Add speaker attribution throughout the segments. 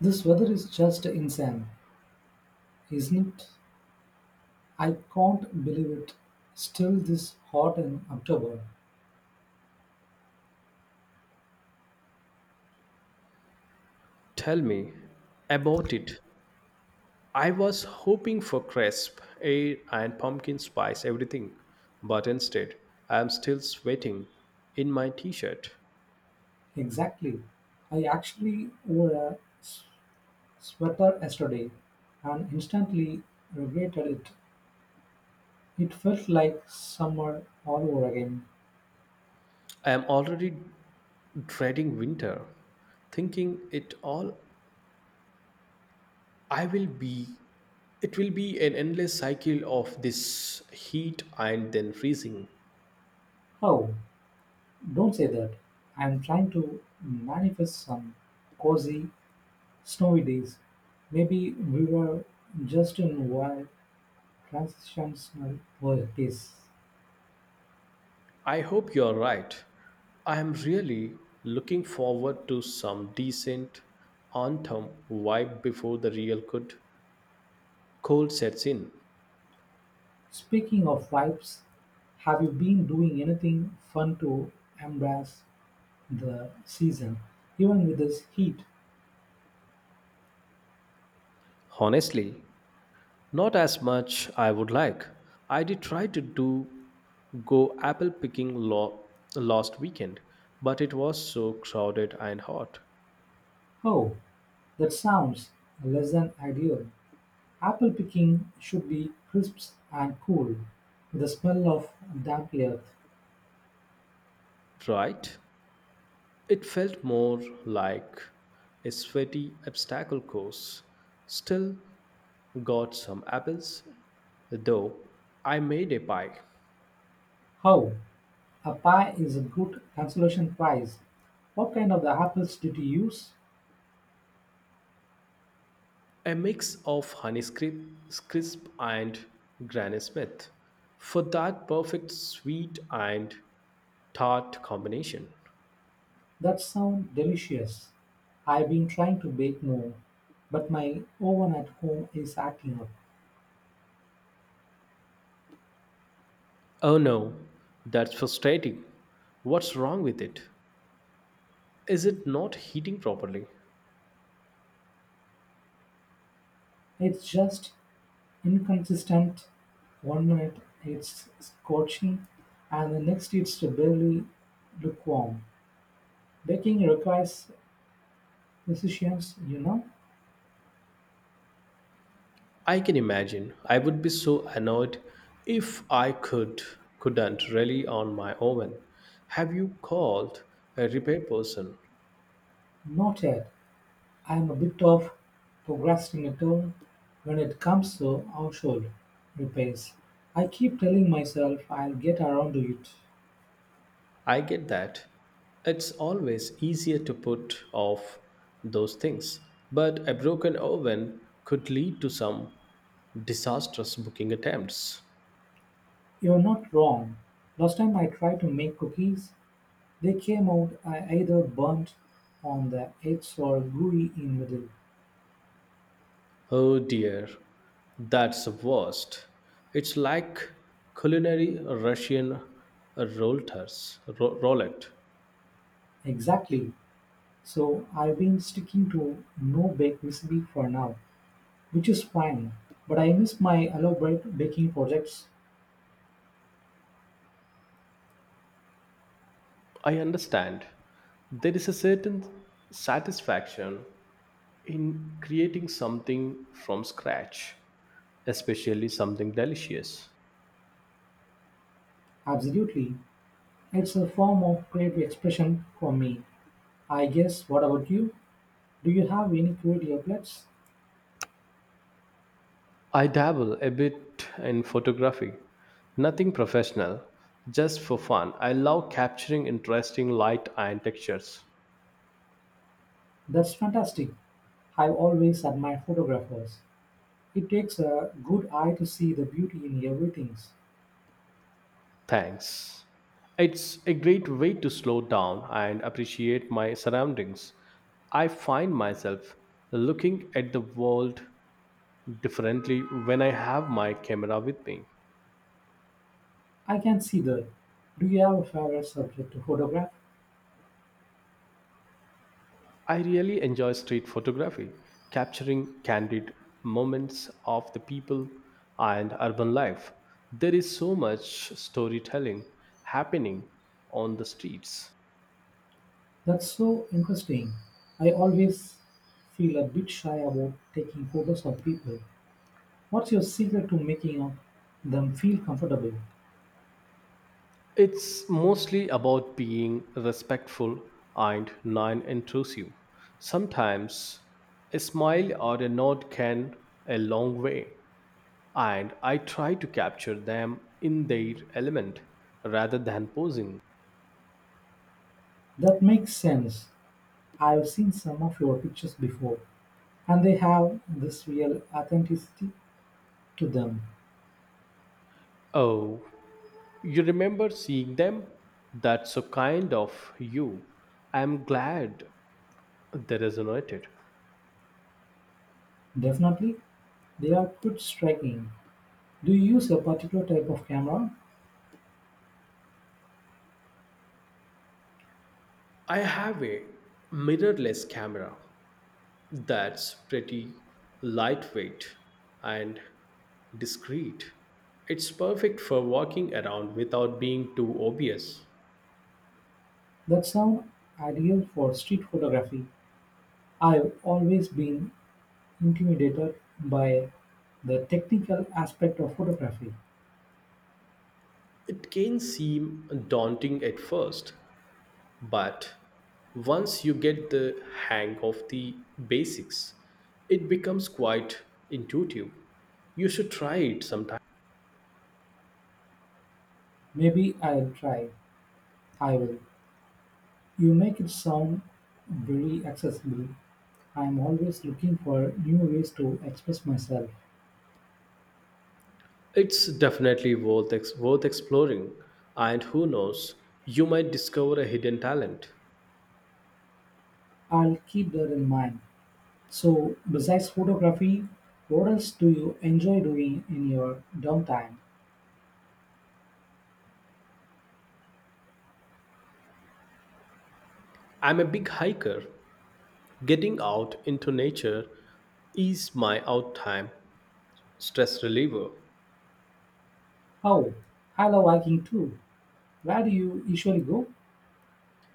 Speaker 1: This weather is just insane, isn't it? I can't believe it. Still this hot in October.
Speaker 2: Tell me about it. I was hoping for crisp, air, and pumpkin spice everything, but instead, I am still sweating in my t shirt.
Speaker 1: Exactly. I actually wore a sweater yesterday and instantly regretted it. It felt like summer all over again.
Speaker 2: I am already dreading winter, thinking it all I will be. It will be an endless cycle of this heat and then freezing.
Speaker 1: Oh, don't say that. I'm trying to manifest some cozy, snowy days. Maybe we were just in wild transitional world days.
Speaker 2: I hope you're right. I am really looking forward to some decent autumn vibe before the real good cold sets in.
Speaker 1: Speaking of vibes, have you been doing anything fun to embrace the season, even with this heat?
Speaker 2: Honestly, not as much I would like. I did try to do go apple picking last weekend, but it was so crowded and hot.
Speaker 1: Oh, that sounds less than ideal. Apple picking should be crisp and cool, with the smell of damp earth.
Speaker 2: Right? It felt more like a sweaty obstacle course. Still got some apples though I made a pie,
Speaker 1: How? A pie is a good consolation prize. What kind of the apples did you use?
Speaker 2: a mix of Honeycrisp crisp and Granny Smith, for that perfect sweet and tart combination.
Speaker 1: That sound delicious. I've been trying to bake more, but my oven at home is acting up.
Speaker 2: Oh no, that's frustrating. What's wrong with it? Is it not heating properly?
Speaker 1: It's just inconsistent; one minute it's scorching and the next it's barely lukewarm. Baking requires precision, you know.
Speaker 2: I can imagine. I would be so annoyed if I couldn't rely on my oven. Have you called a repair person?
Speaker 1: Not yet. I'm a bit of procrastinator when it comes to household repairs. I keep telling myself I'll get around to it.
Speaker 2: I get that. It's always easier to put off those things, but a broken oven could lead to some disastrous booking attempts.
Speaker 1: You're not wrong. Last time I tried to make cookies, they came out I either burnt on the edge or gooey in middle.
Speaker 2: Oh dear, that's the worst. It's like culinary Russian roulette.
Speaker 1: Exactly. So I've been sticking to no bake recipe for now, which is fine. But I miss my elaborate baking projects.
Speaker 2: I understand. There is a certain satisfaction in creating something from scratch, especially something delicious.
Speaker 1: Absolutely. It's a form of creative expression for me. I guess what about you? Do you have any creative outlets?
Speaker 2: I dabble a bit in photography, nothing professional, just for fun. I love capturing interesting light and textures.
Speaker 1: That's fantastic. I've always admired photographers. It takes a good eye to see the beauty in everything.
Speaker 2: Thanks. It's a great way to slow down and appreciate my surroundings. I find myself looking at the world differently when I have my camera with me.
Speaker 1: I can see that. Do you have a favorite subject to photograph?
Speaker 2: I really enjoy street photography, capturing candid moments of the people and urban life. There is so much storytelling happening on the streets.
Speaker 1: That's so interesting. I always feel a bit shy about taking photos of people. What's your secret to making of them feel comfortable?
Speaker 2: It's mostly about being respectful and non intrusive. Sometimes a smile or a nod can a long way, and I try to capture them in their element rather than posing.
Speaker 1: That makes sense. I've seen some of your pictures before, and they have this real authenticity to them.
Speaker 2: Oh, you remember seeing them? That's so kind of you. I'm glad they resonated.
Speaker 1: Definitely, they are quite striking. Do you use a particular type of camera?
Speaker 2: I have a mirrorless camera that's pretty lightweight and discreet. It's perfect for walking around without being too obvious.
Speaker 1: That sound ideal for street photography. I've always been intimidated by the technical aspect of photography.
Speaker 2: It can seem daunting at first, but once you get the hang of the basics, it becomes quite intuitive. You should try it sometime.
Speaker 1: Maybe I'll try. I will. You make it sound very accessible. I'm always looking for new ways to express myself.
Speaker 2: It's definitely worth exploring, and who knows, you might discover a hidden talent.
Speaker 1: I'll keep that in mind. So, besides photography, what else do you enjoy doing in your downtime?
Speaker 2: I'm a big hiker. Getting out into nature is my out time stress reliever.
Speaker 1: Oh, I love hiking too. Where do you usually go?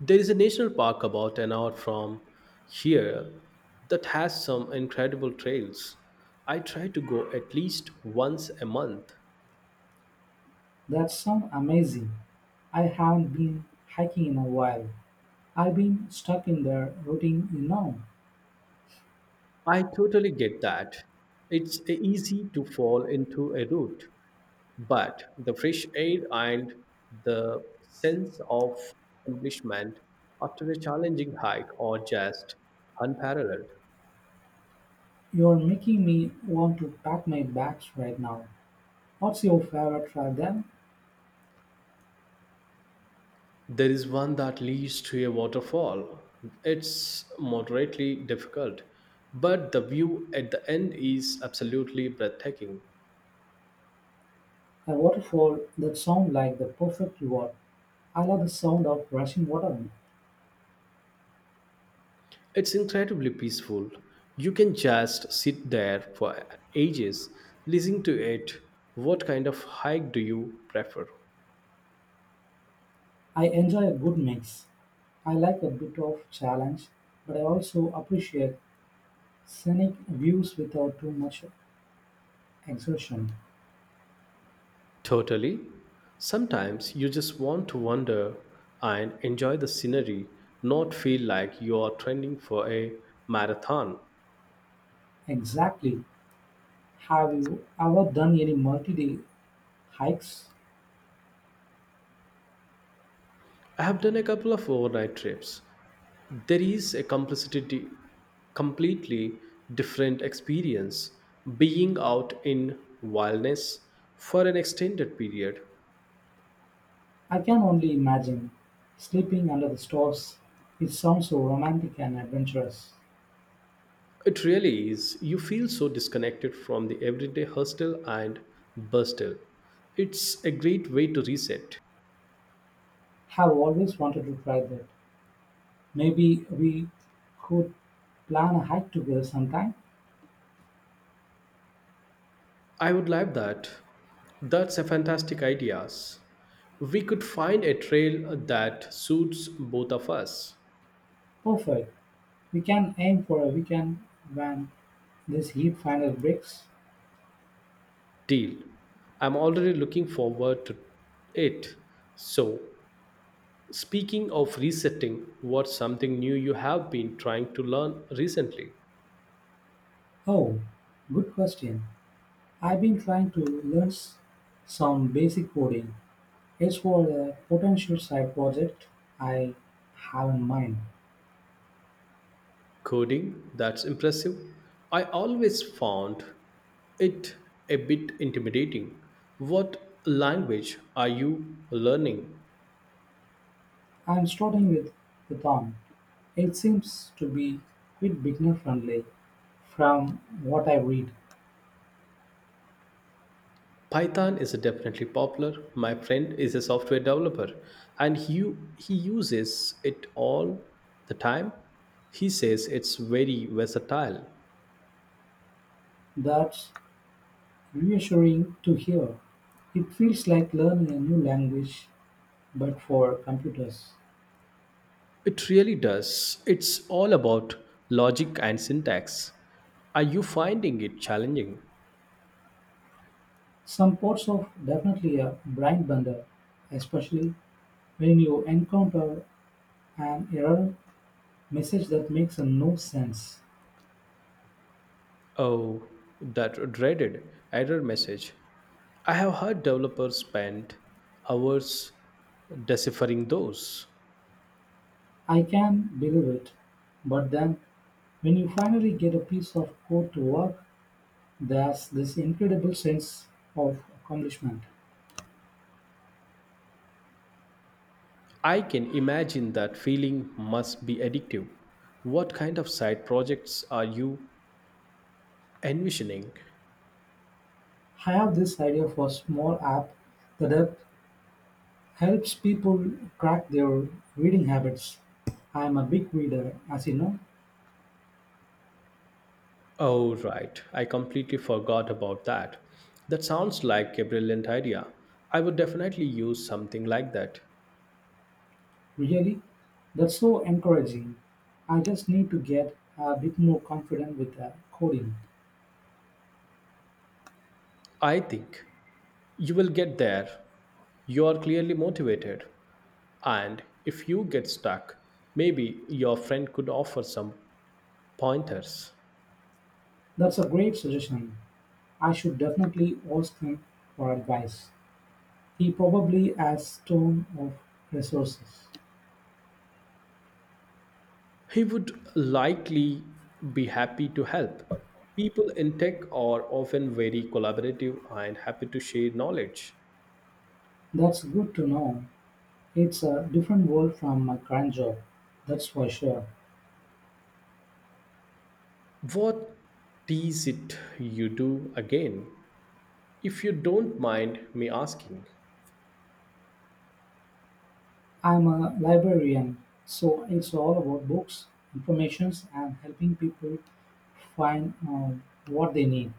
Speaker 2: There is a national park about an hour from here that has some incredible trails. I try to go at least once a month.
Speaker 1: That sounds amazing. I haven't been hiking in a while. I've been stuck in the routine, you know.
Speaker 2: I totally get that. It's easy to fall into a rut, but the fresh air and the sense of accomplishment after a challenging hike are just unparalleled.
Speaker 1: You're making me want to pack my bags right now. What's your favorite track then?
Speaker 2: There is one that leads to a waterfall. It's moderately difficult, but the view at the end is absolutely breathtaking.
Speaker 1: A waterfall that sound like the perfect reward. I love the sound of rushing water.
Speaker 2: It's incredibly peaceful. You can just sit there for ages listening to it. What kind of hike do you prefer?
Speaker 1: I enjoy a good mix. I like a bit of challenge, but I also appreciate scenic views without too much exertion.
Speaker 2: Totally. Sometimes you just want to wander and enjoy the scenery, not feel like you are training for a marathon.
Speaker 1: Exactly. Have you ever done any multi-day hikes?
Speaker 2: I have done a couple of overnight trips there is a completely different experience being out in wildness for an extended period.
Speaker 1: I can only imagine. Sleeping under the stars. It sounds so romantic and adventurous.
Speaker 2: It really is. You feel so disconnected from the everyday hustle and bustle. It's a great way to reset.
Speaker 1: Have always wanted to try that. Maybe we could plan a hike together sometime.
Speaker 2: I would like that. That's a fantastic ideas. We could find a trail that suits both of us.
Speaker 1: Perfect. We can aim for a weekend when this heat finally breaks.
Speaker 2: Deal. I'm already looking forward to it. So, speaking of resetting, what's something new you have been trying to learn recently?
Speaker 1: Oh, good question. I've been trying to learn some basic coding. It's for a potential side project I have in mind.
Speaker 2: Coding, that's impressive. I always found it a bit intimidating. What language are you learning?
Speaker 1: I'm starting with Python. It seems to be quite beginner friendly from what I read.
Speaker 2: Python is definitely popular. My friend is a software developer and he uses it all the time. He says it's very versatile.
Speaker 1: That's reassuring to hear. It feels like learning a new language but for computers.
Speaker 2: It really does. It's all about logic and syntax. Are you finding it challenging?
Speaker 1: Some parts of definitely a brain bender, especially when you encounter an error message that makes no sense.
Speaker 2: Oh, that dreaded error message. I have heard developers spend hours deciphering those.
Speaker 1: I can believe it, but then when you finally get a piece of code to work, there's this incredible sense of accomplishment.
Speaker 2: I can imagine that feeling must be addictive. What kind of side projects are you envisioning?
Speaker 1: I have this idea for a small app that helps people track their reading habits. I am a big reader, as you know.
Speaker 2: Oh, right. I completely forgot about that. That sounds like a brilliant idea. I would definitely use something like that.
Speaker 1: Really, that's so encouraging. I just need to get a bit more confident with coding.
Speaker 2: I think you will get there. You are clearly motivated. And if you get stuck, maybe your friend could offer some pointers.
Speaker 1: That's a great suggestion. I should definitely ask him for advice. He probably has tons of resources.
Speaker 2: He would likely be happy to help. People in tech are often very collaborative and happy to share knowledge.
Speaker 1: That's good to know. It's a different world from my current job, that's for sure.
Speaker 2: What is it you do again? If you don't mind me asking.
Speaker 1: I'm a librarian, so it's all about books, informations, and helping people find what they need.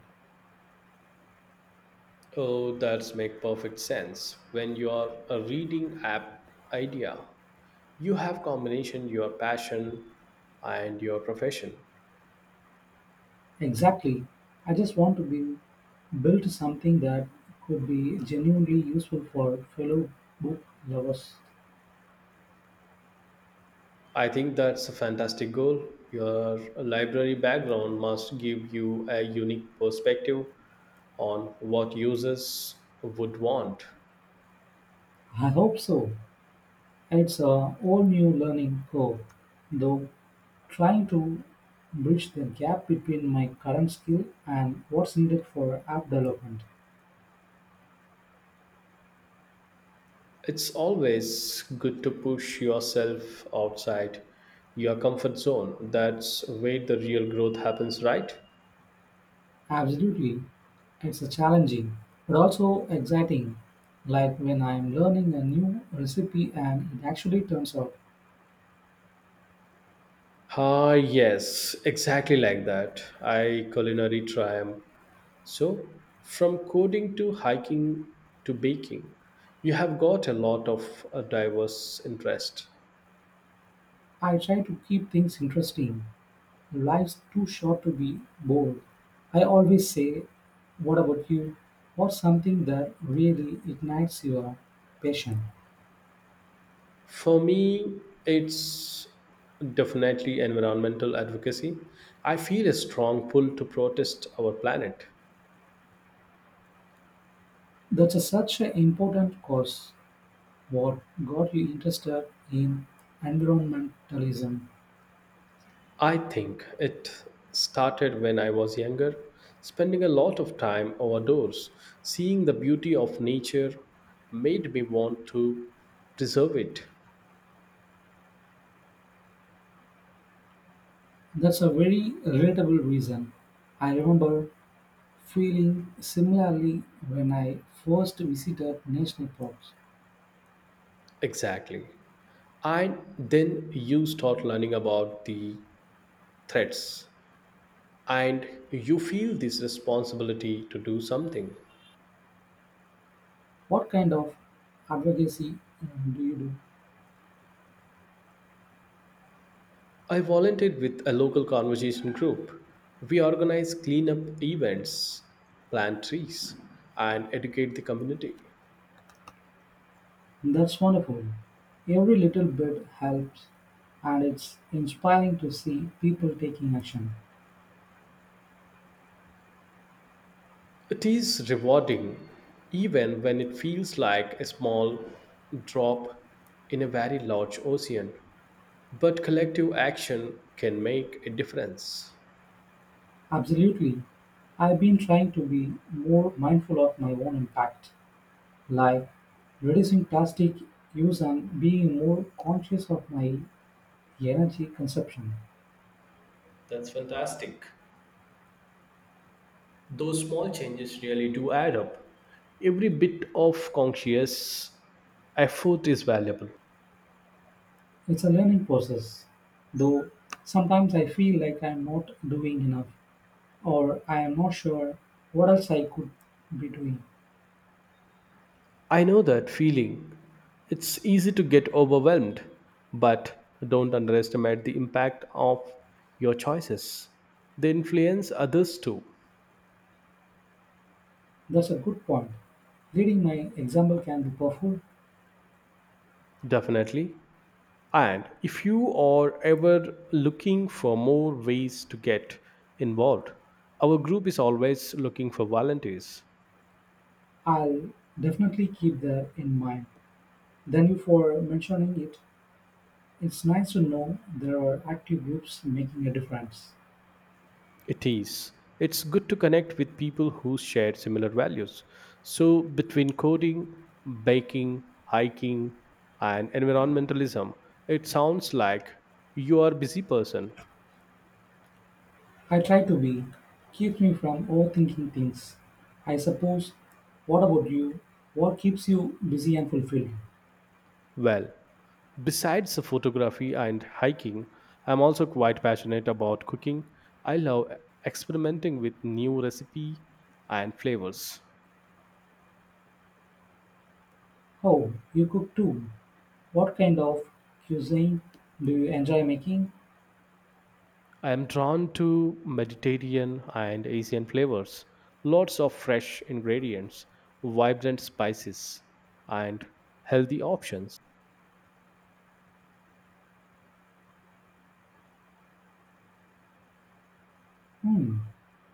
Speaker 2: Oh, that's make perfect sense. When you are a reading app idea, you have combination your passion and your profession.
Speaker 1: Exactly. I just want to be build something that could be genuinely useful for fellow book lovers.
Speaker 2: I think that's a fantastic goal. Your library background must give you a unique perspective on what users would want.
Speaker 1: I hope so. It's a whole new learning curve, though. Trying to bridge the gap between my current skill and what's needed for app development.
Speaker 2: It's always good to push yourself outside your comfort zone. That's where the real growth happens, right?
Speaker 1: Absolutely, it's a challenging but also exciting. Like when I'm learning a new recipe and it actually turns out,
Speaker 2: Ah, yes, exactly like that. I culinary triumph. So, from coding to hiking to baking, you have got a lot of diverse interest.
Speaker 1: I try to keep things interesting. Life's too short to be bored. I always say, what about you? What's something that really ignites your passion?
Speaker 2: For me, it's definitely environmental advocacy. I feel a strong pull to protest our planet.
Speaker 1: That's a, such an important cause. What got you interested in environmentalism?
Speaker 2: I think it started when I was younger, spending a lot of time outdoors, seeing the beauty of nature made me want to preserve it.
Speaker 1: That's a very relatable reason. I remember feeling similarly when I first visited national parks.
Speaker 2: Exactly. And then you start learning about the threats and you feel this responsibility to do something.
Speaker 1: What kind of advocacy do you do?
Speaker 2: I volunteered with a local conversation group. We organize cleanup events, plant trees, and educate the community.
Speaker 1: That's wonderful. Every little bit helps, and it's inspiring to see people taking action.
Speaker 2: It is rewarding even when it feels like a small drop in a very large ocean, but collective action can make a difference.
Speaker 1: Absolutely. I've been trying to be more mindful of my own impact. Like reducing plastic use and being more conscious of my energy consumption.
Speaker 2: That's fantastic. Those small changes really do add up. Every bit of conscious effort is valuable.
Speaker 1: It's a learning process, though sometimes I feel like I'm not doing enough or I am not sure what else I could be doing.
Speaker 2: I know that feeling. It's easy to get overwhelmed, but don't underestimate the impact of your choices. They influence others too,
Speaker 1: That's a good point. Leading my example can be powerful.
Speaker 2: definitely. And if you are ever looking for more ways to get involved, our group is always looking for volunteers.
Speaker 1: I'll definitely keep that in mind. Thank you for mentioning it. It's nice to know there are active groups making a difference.
Speaker 2: It is. It's good to connect with people who share similar values. So, between coding, baking, hiking, and environmentalism, it sounds like you are a busy person.
Speaker 1: I try to be. Keeps me from overthinking things. I suppose. What about you? What keeps you busy and fulfilled?
Speaker 2: Well, besides the photography and hiking, I'm also quite passionate about cooking. I love experimenting with new recipe and flavors.
Speaker 1: Oh, you cook too. What kind of cuisine do you enjoy making?
Speaker 2: I am drawn to Mediterranean and Asian flavors, lots of fresh ingredients, vibrant spices, and healthy options.
Speaker 1: Hmm.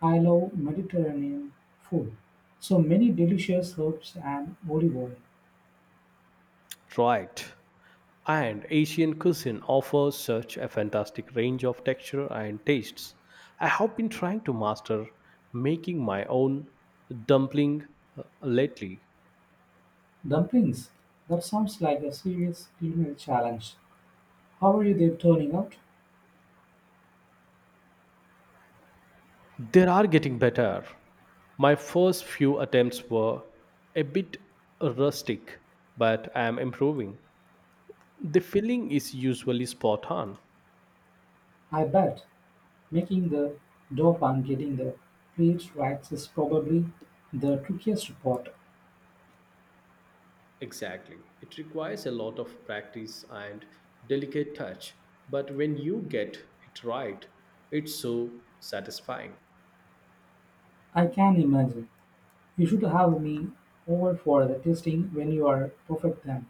Speaker 1: I love Mediterranean food. So many delicious herbs and olive oil.
Speaker 2: Right. And Asian cuisine offers such a fantastic range of texture and tastes. I have been trying to master making my own dumpling lately.
Speaker 1: Dumplings. That sounds like a serious culinary challenge. How are you there turning out?
Speaker 2: They are getting better. My first few attempts were a bit rustic, but I am improving. The filling is usually spot on.
Speaker 1: I bet. Making the dope and getting the plates right is probably the trickiest part.
Speaker 2: Exactly. It requires a lot of practice and delicate touch, but when you get it right, it's so satisfying.
Speaker 1: I can imagine. You should have me over for the tasting when you are perfect then.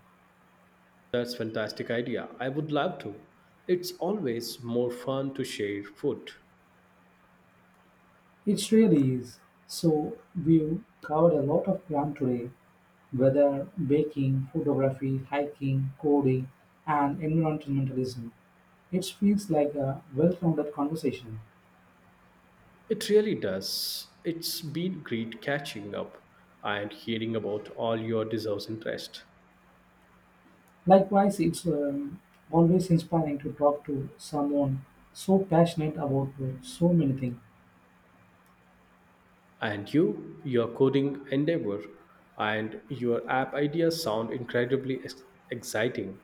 Speaker 2: That's fantastic idea. I would love to. It's always more fun to share food.
Speaker 1: It really is. So we've covered a lot of ground today, whether baking, photography, hiking, coding, and environmentalism. It feels like a well-rounded conversation.
Speaker 2: It really does. It's been great catching up and hearing about all your deserves interest.
Speaker 1: Likewise, it's always inspiring to talk to someone so passionate about so many things.
Speaker 2: And you, your coding endeavor and your app ideas sound incredibly exciting.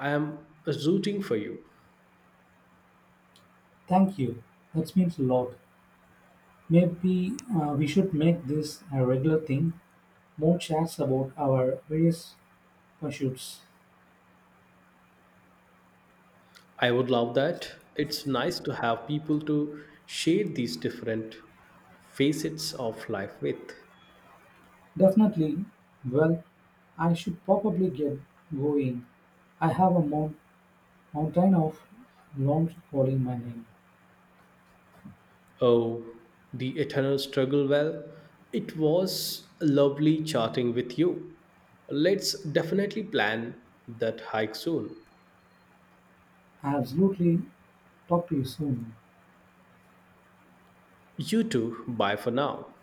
Speaker 2: I am rooting for you.
Speaker 1: Thank you. That means a lot. Maybe we should make this a regular thing, more chats about our various pursuits.
Speaker 2: I would love that. It's nice to have people to share these different facets of life with.
Speaker 1: Definitely. Well, I should probably get going. I have a mountain of long calling my name.
Speaker 2: Oh, the eternal struggle. Well, it was lovely chatting with you. Let's definitely plan that hike soon.
Speaker 1: Absolutely. Talk to you soon.
Speaker 2: You too. Bye for now.